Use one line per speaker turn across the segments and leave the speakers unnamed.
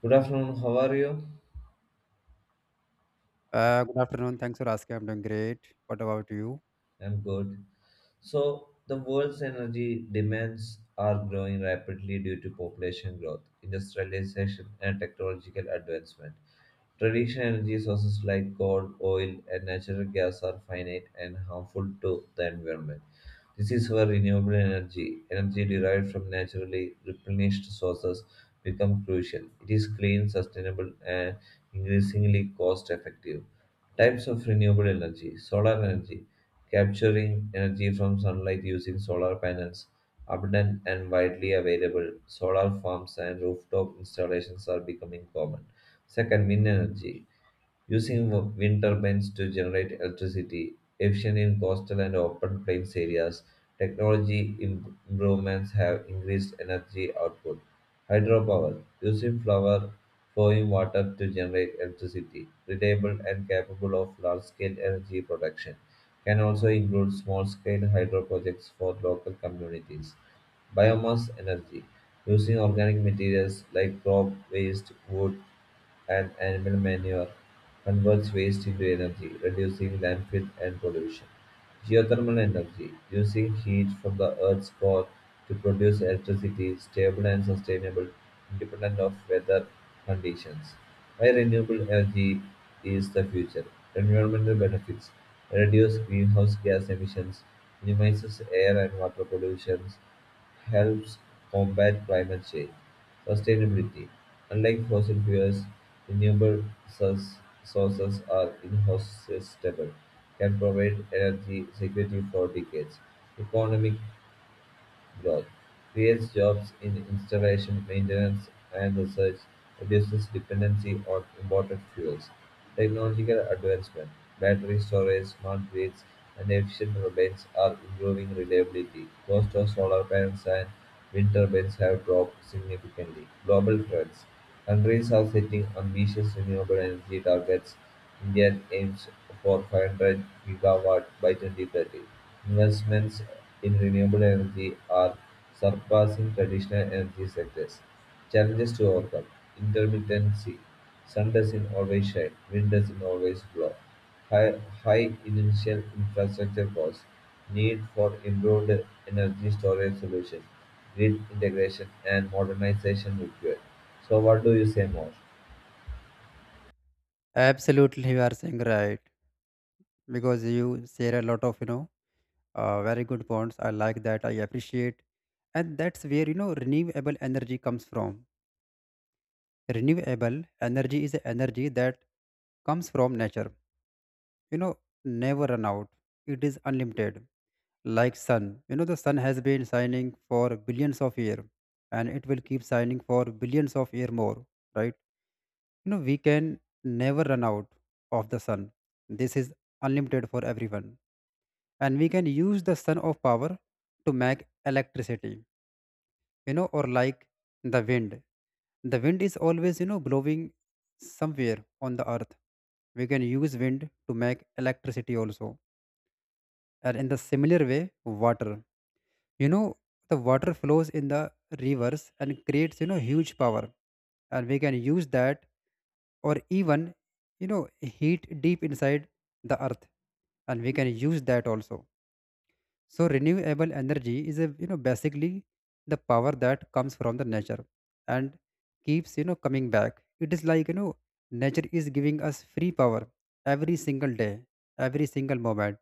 Good afternoon, how are you?
Good afternoon. Thanks for asking. I'm doing great. What about you?
I'm good. So, the world's energy demands are growing rapidly due to population growth, industrialization, and technological advancement. Traditional energy sources like coal, oil, and natural gas are finite and harmful to the environment. This is where renewable energy, energy derived from naturally replenished sources, become crucial. It is clean, sustainable, and increasingly cost effective. Types of renewable energy solar energy, capturing energy from sunlight using solar panels. Abundant and widely available, solar farms and rooftop installations are becoming common. Second, wind energy. Using wind turbines to generate electricity, efficient in coastal and open plains areas, technology improvements have increased energy output. Hydropower. Using flower flowing water to generate electricity, reliable and capable of large scale energy production. Can also include small scale hydro projects for local communities. Biomass energy. Using organic materials like crop waste, wood, and animal manure converts waste into energy, reducing landfill and pollution. Geothermal energy, using heat from the Earth's core to produce electricity, stable and sustainable, independent of weather conditions. Why renewable energy is the future? Environmental benefits reduce greenhouse gas emissions, minimizes air and water pollutions, helps combat climate change. Sustainability. Unlike fossil fuels, renewable source- sources are inhospitable, can provide energy security for decades. Economic growth, creates jobs in installation, maintenance, and research, reduces dependency on imported fuels. Technological advancement, battery storage, smart grids, and efficient turbines are improving reliability. Cost of solar panels and wind turbines have dropped significantly. Global trends. Countries are setting ambitious renewable energy targets India aims for 500 gigawatt by 2030. Investments in renewable energy are surpassing traditional energy sectors. Challenges to overcome: intermittency. Sun doesn't always shine. Wind doesn't always blow. High initial infrastructure costs. Need for improved energy storage solutions. Grid integration and modernization required. So, what do you say more?
Absolutely, you are saying right, because you share a lot of very good points. I like that. I appreciate, and that's where, you know, renewable energy comes from. Renewable energy is a energy that comes from nature. You know, never run out. It is unlimited, like sun. You know, the sun has been shining for billions of years, and it will keep shining for billions of years more. Right. You know, we can never run out of the sun. This is unlimited for everyone. And we can use the sun of power to make electricity, you know, or like the wind. The wind is always, you know, blowing somewhere on the earth. We can use wind to make electricity also. And in the similar way, water. You know, the water flows in the rivers and creates, you know, huge power, and we can use that, or even, you know, heat deep inside the earth, and we can use that also. So renewable energy is a, you know, basically the power that comes from the nature, and keeps, you know, coming back. It is like, you know, nature is giving us free power every single day, every single moment.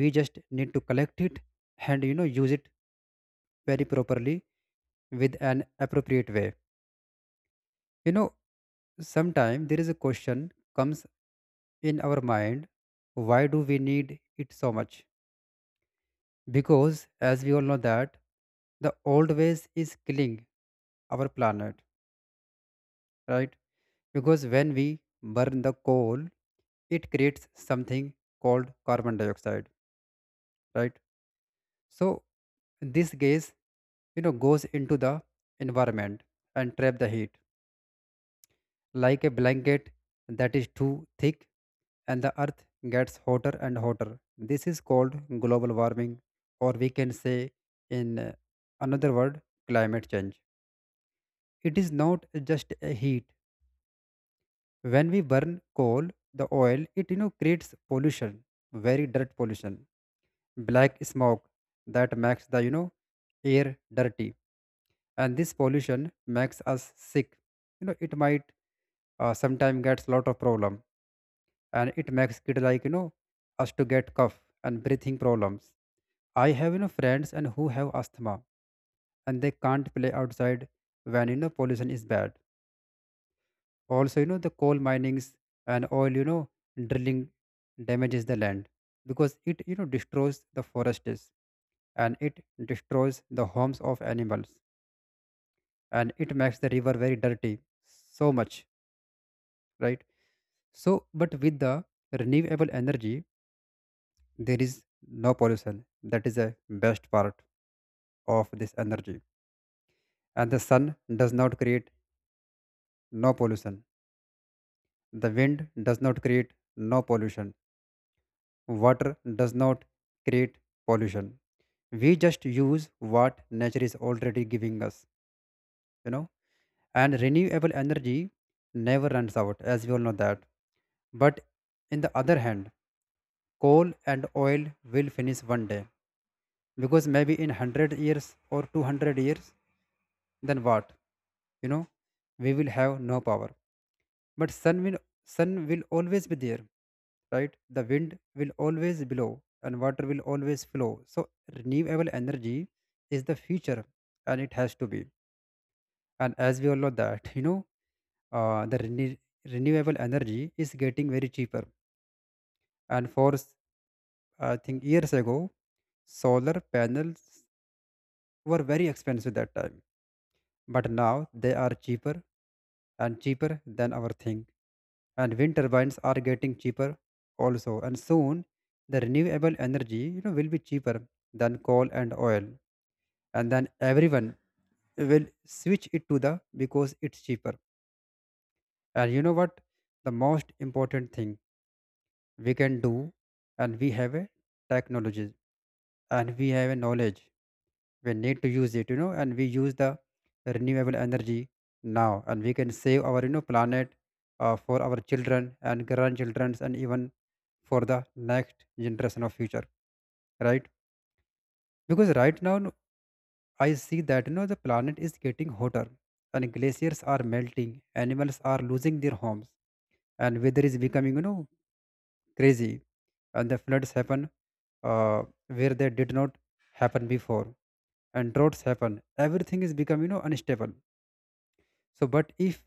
We just need to collect it and, you know, use it very properly, with an appropriate way, you know. Sometimes there is a question comes in our mind, why do we need it so much? Because as we all know that the old ways is killing our planet, right? Because when we burn the coal, it creates something called carbon dioxide, right? So this gas, you know, goes into the environment and trap the heat, like a blanket that is too thick, and the earth gets hotter and hotter. This is called global warming, or we can say, in another word, climate change. It is not just a heat. When we burn coal, the oil, it, you know, creates pollution, very dirt pollution, black smoke that makes the, you know, air dirty, and this pollution makes us sick. You know, it might, sometimes gets lot of problem, and it makes kid like, you know, us to get cough and breathing problems. I have, you know, friends and who have asthma, and they can't play outside when, you know, pollution is bad. Also, you know, the coal minings and oil, you know, drilling damages the land, because it, you know, destroys the forests, and it destroys the homes of animals, and it makes the river very dirty so much, right? So, but with the renewable energy, there is no pollution. That is the best part of this energy. And the sun does not create no pollution, the wind does not create no pollution, water does not create pollution. We just use what nature is already giving us, you know. And renewable energy never runs out, as we all know that. But in the other hand, coal and oil will finish one day, because maybe in 100 years or 200 years, then what, you know, we will have no power. But sun will, sun will always be there, right? The wind will always blow, and water will always flow. So renewable energy is the future, and it has to be. And as we all know that, you know, uh, the rene- renewable energy is getting very cheaper. And I think years ago solar panels were very expensive that time, but now they are cheaper and cheaper than our thing. And wind turbines are getting cheaper also. And soon the renewable energy, you know, will be cheaper than coal and oil. And then everyone will switch it to the because it's cheaper. And you know what? The most important thing we can do, and we have a technology, and we have a knowledge, we need to use it, you know, and we use the renewable energy now, and we can save our, you know, planet, for our children and grandchildren, and even for the next generation of future, right? Because right now, no, I see that, you know, the planet is getting hotter, and glaciers are melting, animals are losing their homes, and weather is becoming, you know, crazy, and the floods happen, uh, where they did not happen before, and droughts happen. Everything is becoming, you know, unstable. So, but if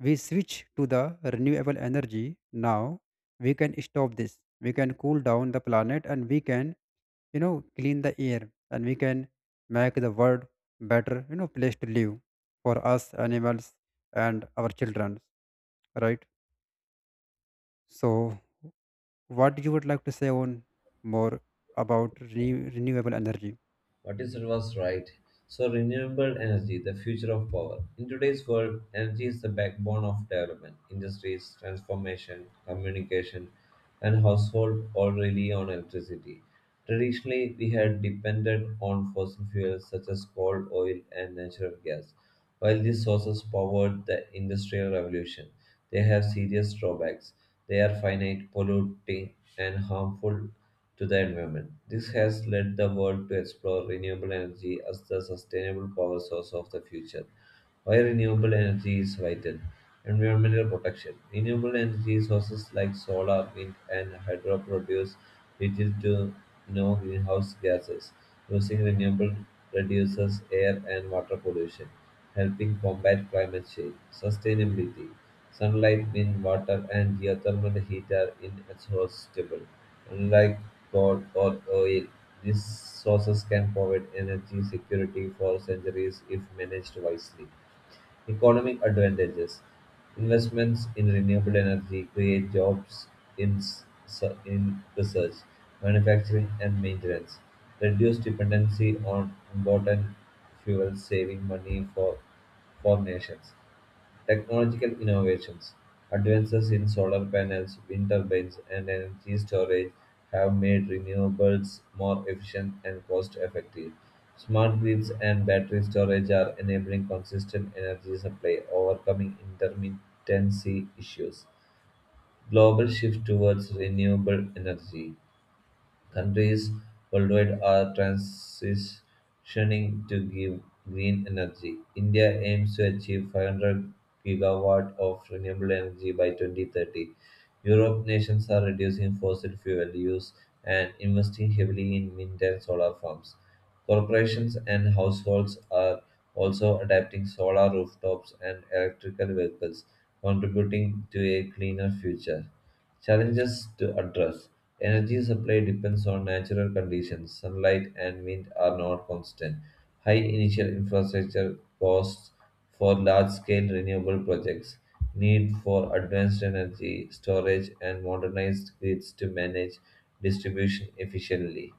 we switch to the renewable energy now, we can stop this. We can cool down the planet, and we can, you know, clean the air, and we can make the world better, you know, place to live for us, animals, and our children, right? So, what you would like to say on more about renewable energy?
What is was right. So renewable energy, the future of power. In today's world, energy is the backbone of development. Industries, transformation, communication, and household all rely on electricity. Traditionally, we had depended on fossil fuels such as coal, oil, and natural gas. While these sources powered the industrial revolution, they have serious drawbacks. They are finite, polluting, and harmful to the environment. This has led the world to explore renewable energy as the sustainable power source of the future. Why renewable energy is vital? Environmental protection. Renewable energy sources like solar, wind, and hydro produce little to no greenhouse gases. Using renewable reduces air and water pollution, helping combat climate change. Sustainability. Sunlight, wind, water, and geothermal heat are inexhaustible. Unlike coal or oil, these sources can provide energy security for centuries if managed wisely. Economic advantages: Investments in renewable energy create jobs in, s- in research, manufacturing, and maintenance. Reduce dependency on important fuels, saving money for nations. Technological innovations, advances in solar panels, wind turbines, and energy storage have made renewables more efficient and cost effective. Smart grids and battery storage are enabling consistent energy supply, overcoming intermittency issues. Global shift towards renewable energy. Countries worldwide are transitioning to give green energy. India aims to achieve 500 gigawatt of renewable energy by 2030. Europe nations are reducing fossil fuel use and investing heavily in wind and solar farms. Corporations and households are also adapting solar rooftops and electrical vehicles, contributing to a cleaner future. Challenges to address Energy supply depends on natural conditions. Sunlight and wind are not constant. High initial infrastructure costs for large scale renewable projects. Need for advanced energy storage and modernized grids to manage distribution efficiently.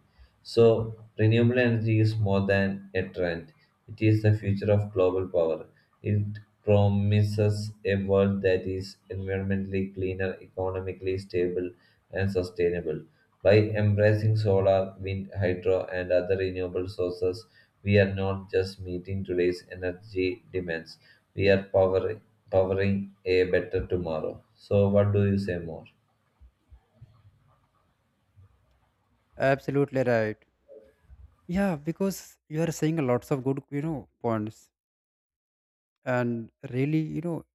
So, renewable energy is more than a trend, it is the future of global power. It promises a world that is environmentally cleaner, economically stable, and sustainable. By embracing solar, wind, hydro, and other renewable sources, we are not just meeting today's energy demands, we are powering a better tomorrow. So, what do you say more?
Absolutely right. Yeah, because you are saying lots of good, you know, points. And really, you know,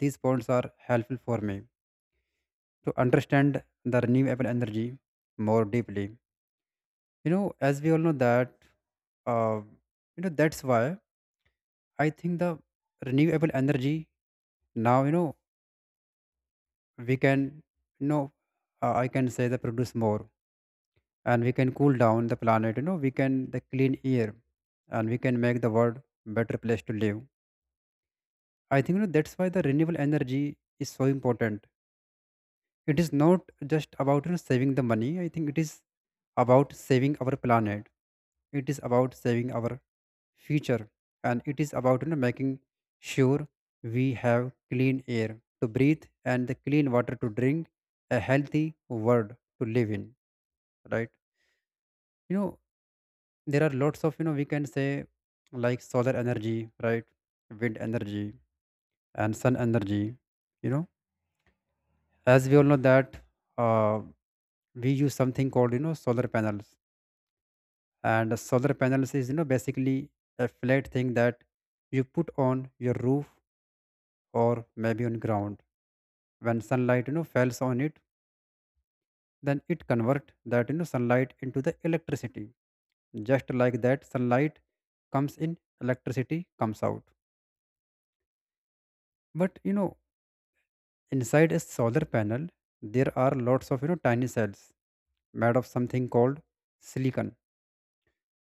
these points are helpful for me to understand the renewable energy more deeply, you know, as we all know that, uh, you know, that's why I think the renewable energy now, you know, we can, you know, I can say they produce more, and we can cool down the planet, you know, we can the clean air, and we can make the world better place to live. I think, you know, that's why the renewable energy is so important. It is not just about, you know, saving the money. I think it is about saving our planet, it is about saving our future, and it is about, you know, making sure we have clean air to breathe, and the clean water to drink, a healthy world to live in, right? You know, there are lots of, you know, we can say, like solar energy, right, wind energy, and sun energy, you know. As we all know that, uh, we use something called, you know, solar panels, and solar panels is, you know, basically a flat thing that you put on your roof or maybe on ground. When sunlight, you know, falls on it, then it convert that, you know, sunlight into the electricity. Just like that, sunlight comes in, electricity comes out. But you know, inside a solar panel, there are lots of, you know, tiny cells made of something called silicon.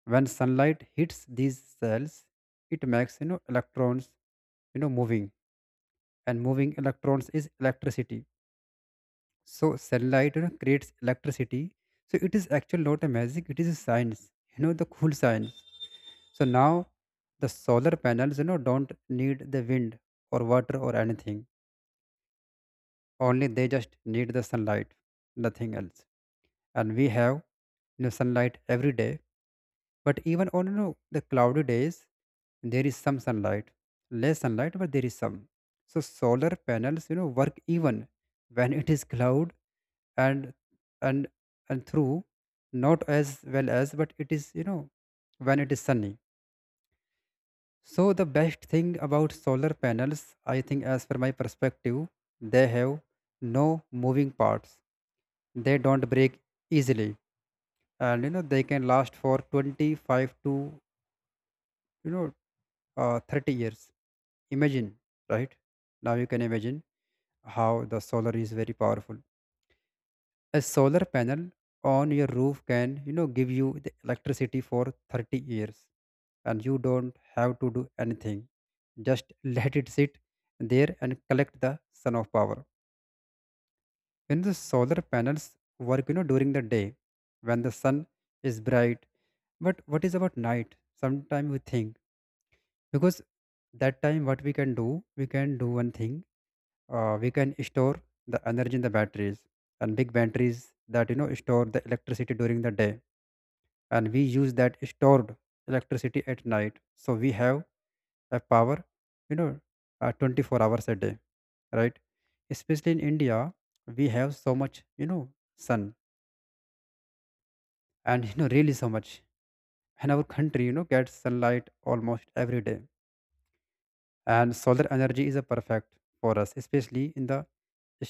When sunlight hits these cells, it makes, you know, electrons, you know, moving, and moving electrons is electricity. So sunlight, you know, creates electricity. So it is actually not a magic, it is a science, you know, the cool science. So now the solar panels, you know, don't need the wind or water or anything. Only they just need the sunlight, nothing else. And we have, you know, sunlight every day. But even on, you know, the cloudy days, there is some sunlight, less sunlight, but there is some. So solar panels, you know, work even when it is cloud, and and and through, not as well as, but it is, you know, when it is sunny. So the best thing about solar panels, I think as per my perspective, they have no moving parts, they don't break easily, and you know, they can last for 25 to, you know, 30 years. Imagine, right? Now you can imagine how the solar is very powerful. A solar panel on your roof can, you know, give you the electricity for 30 years, and you don't have to do anything, just let it sit there and collect the sun of power. When the solar panels work, you know, during the day when the sun is bright, but what is about night? Sometimes we think, because that time what we can do, we can do one thing, we can store the energy in the batteries, and big batteries that, you know, store the electricity during the day, and we use that stored electricity at night, so we have a power, you know, 24 hours a day, right? Especially in India, we have so much, you know, sun, and you know, really so much, and our country, you know, gets sunlight almost every day, and solar energy is a perfect for us, especially in the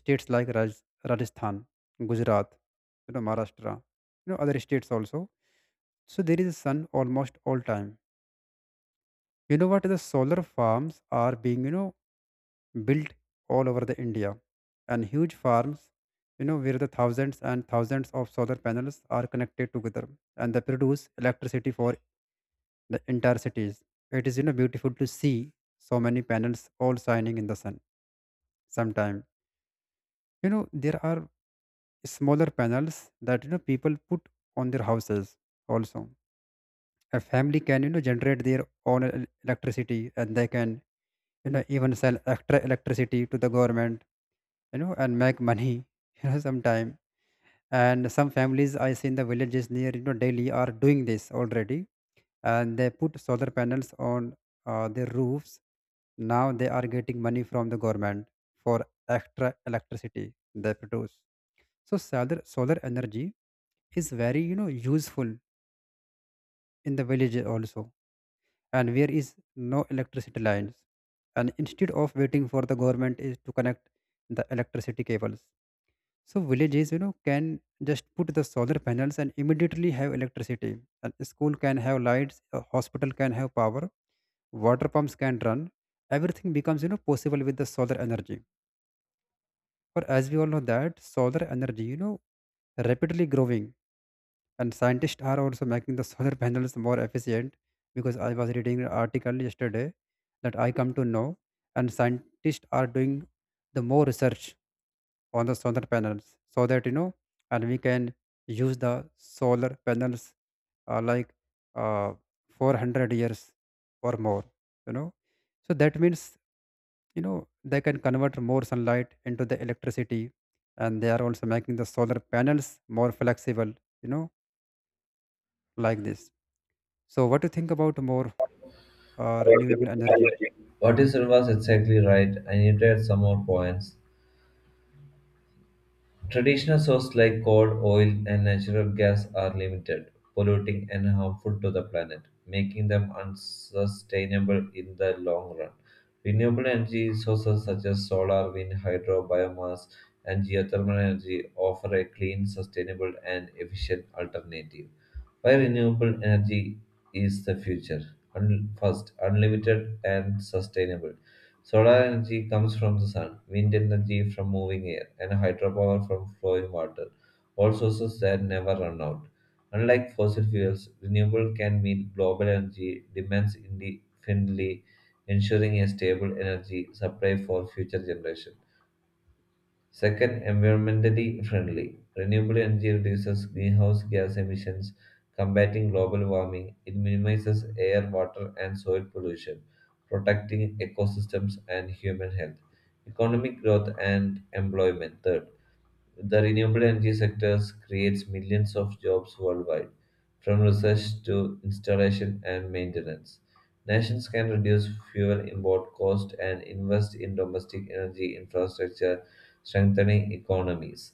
states like Rajasthan, Gujarat, you know, Maharashtra, you know, other states also. So there is sun almost all time. You know what? The solar farms are being, you know, built all over the India, and huge farms, you know, where the thousands and thousands of solar panels are connected together, and they produce electricity for the entire cities. It is, you know, beautiful to see so many panels all shining in the sun. Sometime, you know, there are smaller panels that you know people put on their houses also. A family can, you know, generate their own electricity, and they can, you know, even sell extra electricity to the government, you know, and make money you know sometime. And some families I see in the villages near, you know, Delhi are doing this already, and they put solar panels on their roofs. Now they are getting money from the government for extra electricity they produce. So solar energy is very, you know, useful in the villages also, and where is no electricity lines. And instead of waiting for the government is to connect the electricity cables, so villages, you know, can just put the solar panels and immediately have electricity. And school can have lights, a hospital can have power, water pumps can run. Everything becomes, you know, possible with the solar energy. Or as we all know that solar energy, you know, rapidly growing, and scientists are also making the solar panels more efficient. Because I was reading an article yesterday that I come to know, and scientists are doing the more research on the solar panels so that you know, and we can use the solar panels like uh, 400 years or more, you know. So that means, you know, they can convert more sunlight into the electricity, and they are also making the solar panels more flexible, you know, like this. So, what do you think about more renewable energy?
What is was exactly right. I needed some more points. Traditional sources like coal, oil, and natural gas are limited, polluting and harmful to the planet, making them unsustainable in the long run. Renewable energy sources such as solar, wind, hydro, biomass, and geothermal energy offer a clean, sustainable, and efficient alternative. Why renewable energy is the future? First, unlimited and sustainable. Solar energy comes from the sun, wind energy from moving air, and hydropower from flowing water, all sources that never run out. Unlike fossil fuels, renewable can meet global energy demands independently, ensuring a stable energy supply for future generations. Second, environmentally friendly. Renewable energy reduces greenhouse gas emissions, combating global warming. It minimizes air, water, and soil pollution, protecting ecosystems and human health. Economic growth and employment. Third, the renewable energy sector creates millions of jobs worldwide, from research to installation and maintenance. Nations can reduce fuel import cost and invest in domestic energy infrastructure, strengthening economies.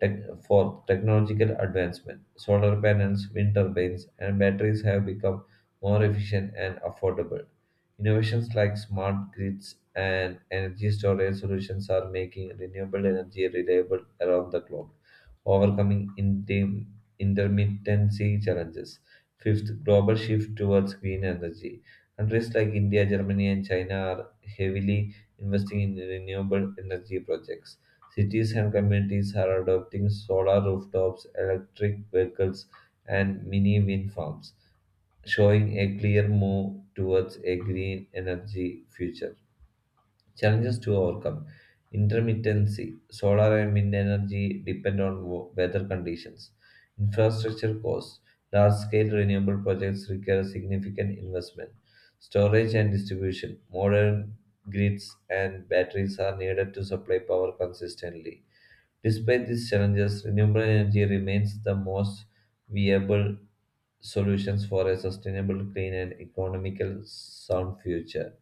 Tech, Fourth, technological advancement. Solar panels, wind turbines, and batteries have become more efficient and affordable. Innovations like smart grids and energy storage solutions are making renewable energy reliable around the globe, overcoming intermittency challenges. Fifth, global shift towards green energy. Countries like India, Germany, and China are heavily investing in renewable energy projects. Cities and communities are adopting solar rooftops, electric vehicles, and mini wind farms showing a clear move towards a green energy future. Challenges to overcome intermittency, solar and wind energy depend on weather conditions, infrastructure costs, large scale renewable projects require significant investment, storage and distribution, modern grids and batteries are needed to supply power consistently. Despite these challenges, renewable energy remains the most viable solutions for a sustainable, clean, and economical sound future.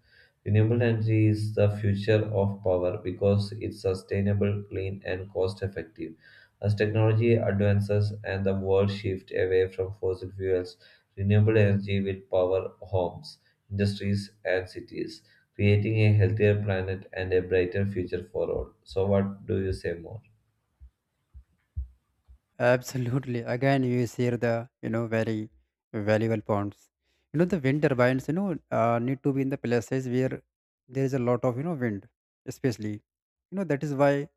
Renewable energy is the future of power because it's sustainable, clean, and cost effective. As technology advances and the world shifts away from fossil fuels, renewable energy will power homes, industries, and cities, creating a healthier planet and a brighter future for all. So, what do you say more?
Absolutely. Again, you share the, you know, very valuable points. You know the wind turbines. You know, need to be in the places where there is a lot of, you know, wind, especially. You know that is why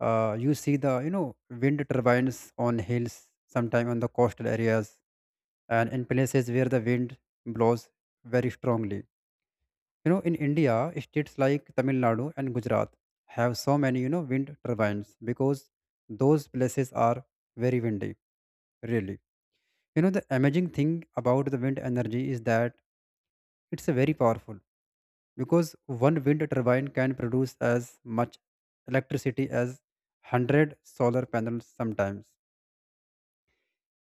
you see the, you know, wind turbines on hills, sometime on the coastal areas, and in places where the wind blows very strongly. You know, in India, states like Tamil Nadu and Gujarat have so many, you know, wind turbines because those places are very windy, really. You know, the amazing thing about the wind energy is that it's very powerful, because one wind turbine can produce as much electricity as 100 solar panels sometimes.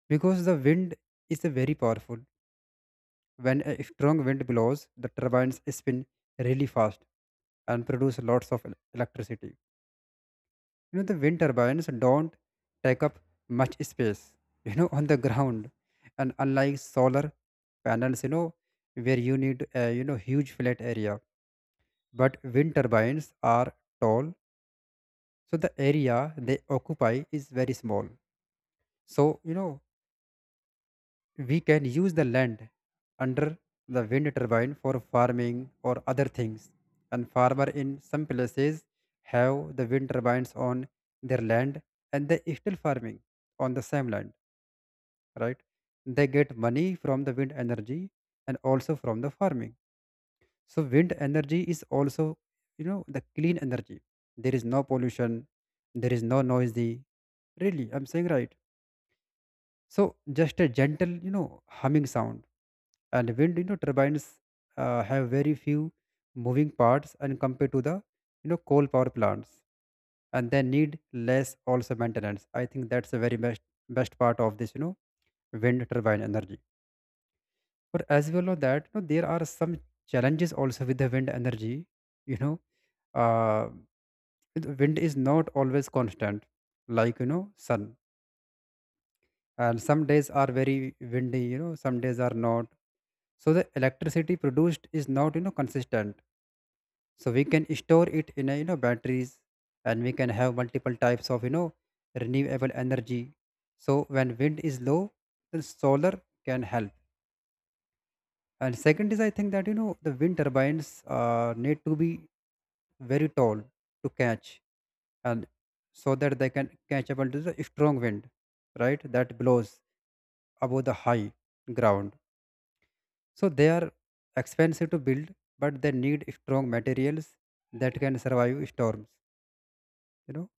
Because the wind is very powerful. When a strong wind blows, the turbines spin really fast and produce lots of electricity. You know, the wind turbines don't take up much space, you know, on the ground. And unlike solar panels, you know, where you need a, you know, huge flat area. But wind turbines are tall, so the area they occupy is very small. So, you know, we can use the land under the wind turbine for farming or other things. And farmer in some places have the wind turbines on their land, and they still farming on the same land, right? They get money from the wind energy and also from the farming. So wind energy is also, you know, the clean energy. There is no pollution, there is no noisy. Really, I'm saying right. So just a gentle, you know, humming sound, and wind, you know, turbines have very few moving parts, and compared to the, you know, coal power plants, and they need less also maintenance. I think that's the very best part of this, you know, wind turbine energy. But as well as that, you know, there are some challenges also with the wind energy, you know. uh, the wind is not always constant, like, you know, sun, and some days are very windy, you know, some days are not. So the electricity produced is not, you know, consistent. So we can store it in a, you know, batteries, and we can have multiple types of, you know, renewable energy. So when wind is low, the solar can help. And second is, I think that, you know, the wind turbines need to be very tall to catch, and so that they can catch up to the strong wind, right, that blows above the high ground. So they are expensive to build, but they need strong materials that can survive storms. You know,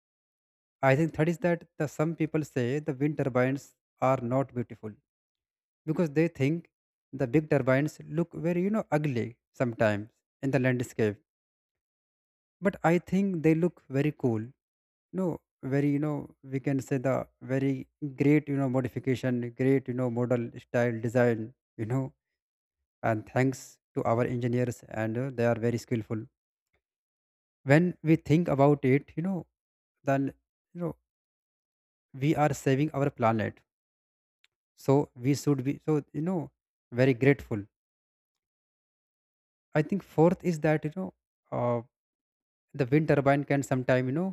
I think that is that the some people say the wind turbines are not beautiful because they think the big turbines look very, you know, ugly sometimes in the landscape. But I think they look very cool. No, very, you know, we can say the very great, you know, modification, great, you know, model style design. You know, and thanks to our engineers, and they are very skillful. When we think about it, you know, then, you know, we are saving our planet. So we should be so, you know, very grateful. I think fourth is that, you know, uh, the wind turbine can sometime, you know,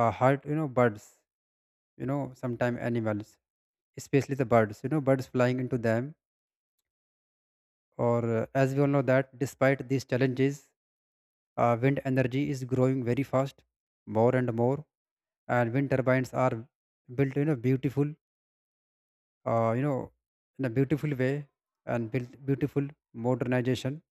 hurt, you know, birds, you know, sometime animals, especially the birds, you know, birds flying into them. Or as we all know that despite these challenges, wind energy is growing very fast, more and more. And wind turbines are built, you know, beautiful, you know, in a beautiful way, and built beautiful modernization.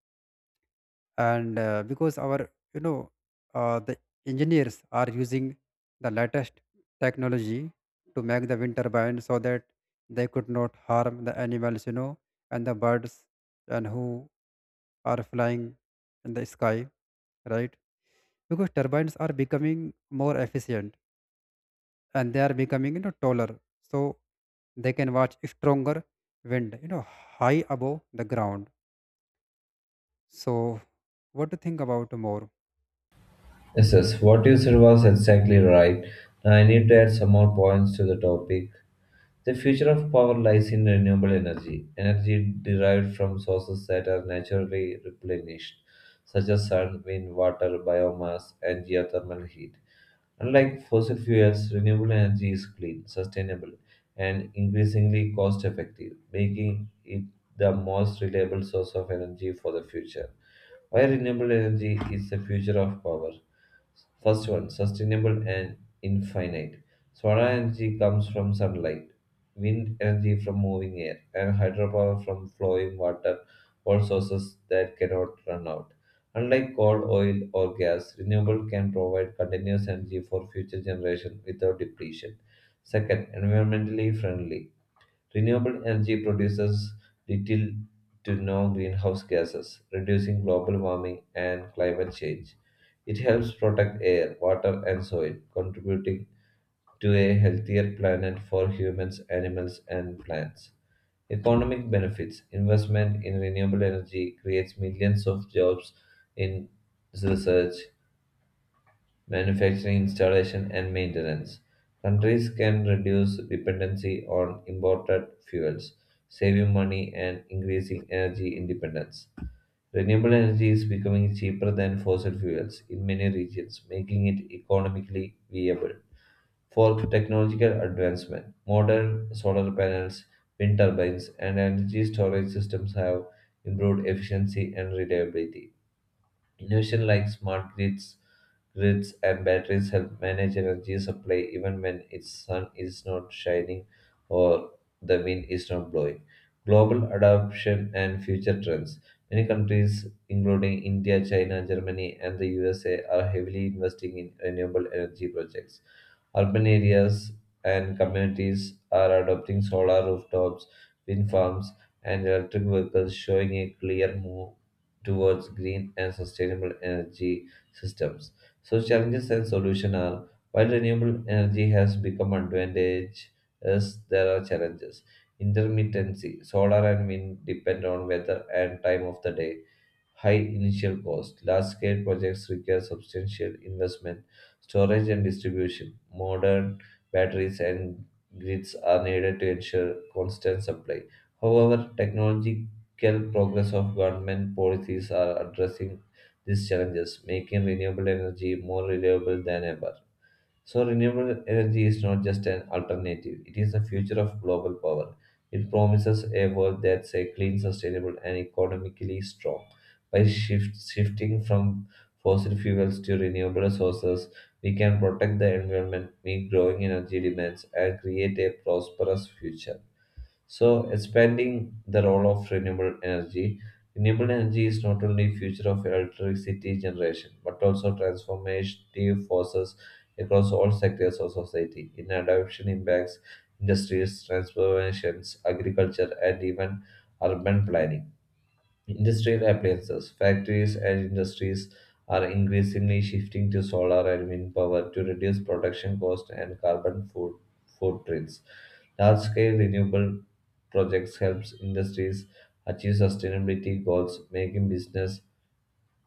And because our, you know, the engineers are using the latest technology to make the wind turbine so that they could not harm the animals, you know, and the birds and who are flying in the sky, right? Because turbines are becoming more efficient, and they are becoming, you know, taller, so they can watch stronger wind, you know, high above the ground. So what to think about more?
Yes, what you said was exactly right. Now I need to add some more points to the topic. The future of power lies in renewable energy, energy derived from sources that are naturally replenished, such as sun, wind, water, biomass, and geothermal heat. Unlike fossil fuels, renewable energy is clean, sustainable, and increasingly cost effective, making it the most reliable source of energy for the future. Why renewable energy is the future of power? First one, sustainable and infinite. Solar energy comes from sunlight, wind energy from moving air, and hydropower from flowing water, all sources that cannot run out. Unlike coal, oil, or gas, renewable can provide continuous energy for future generations without depletion. Second, environmentally friendly. Renewable energy produces little to no greenhouse gases, reducing global warming and climate change. It helps protect air, water, and soil, contributing to a healthier planet for humans, animals, and plants. Economic benefits investment in renewable energy creates millions of jobs in research, manufacturing, installation, and maintenance. Countries can reduce dependency on imported fuels, saving money and increasing energy independence. Renewable energy is becoming cheaper than fossil fuels in many regions, making it economically viable for technological advancement. Modern solar panels, wind turbines, and energy storage systems have improved efficiency and reliability. Innovation like smart grids and batteries help manage energy supply even when its sun is not shining or the wind is not blowing. Global adoption and future trends. Many countries, including India, China, Germany, and the USA, are heavily investing in renewable energy projects. Urban areas and communities are adopting solar rooftops, wind farms, and electric vehicles, showing a clear move towards green and sustainable energy systems. So challenges and solutions are while renewable energy has become advantageous, there are challenges. Intermittency, solar and wind depend on weather and time of the day high initial cost. Large scale projects require substantial investment, storage and distribution. Modern batteries and grids are needed to ensure constant supply. However, technological progress of government policies are addressing these challenges, making renewable energy more reliable than ever. So, renewable energy is not just an alternative, it is the future of global power. It promises a world that's a clean, sustainable, and economically strong. By shifting from fossil fuels to renewable sources, we can protect the environment, meet growing energy demands, and create a prosperous future. So expanding the role of renewable energy. Renewable energy is not only future of electricity generation, but also transformative forces across all sectors of society. In adoption impacts industries, transformations, agriculture, and even urban planning. Industrial appliances. Factories and industries are increasingly shifting to solar and wind power to reduce production cost and carbon footprints. Large-scale renewable projects helps industries achieve sustainability goals, making business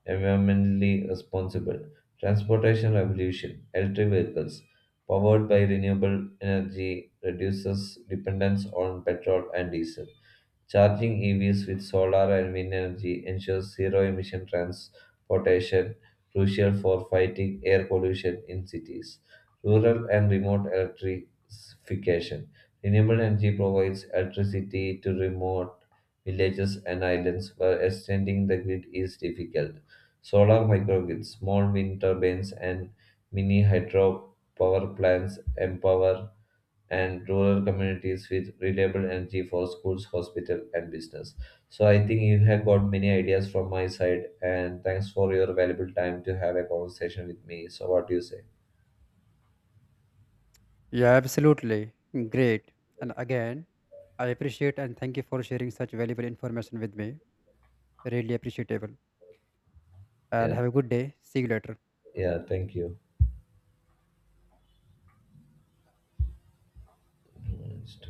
environmentally responsible. Transportation revolution. Electric vehicles powered by renewable energy reduces dependence on petrol and diesel. Charging EVs with solar and wind energy ensures zero emission transportation, crucial for fighting air pollution in cities. Rural and remote electrification. Renewable energy provides electricity to remote villages and islands where extending the grid is difficult. Solar microgrids, small wind turbines, and mini hydro power plants empower and rural communities with reliable energy for schools, hospital, and business. So I think you have got many ideas from my side, and thanks for your valuable time to have a conversation with me. So what do you say?
Yeah, absolutely. Great. And again, I appreciate and thank you for sharing such valuable information with me. Really appreciable. And
Yeah,
have a good day. See you later.
yeah, thank you. Mm,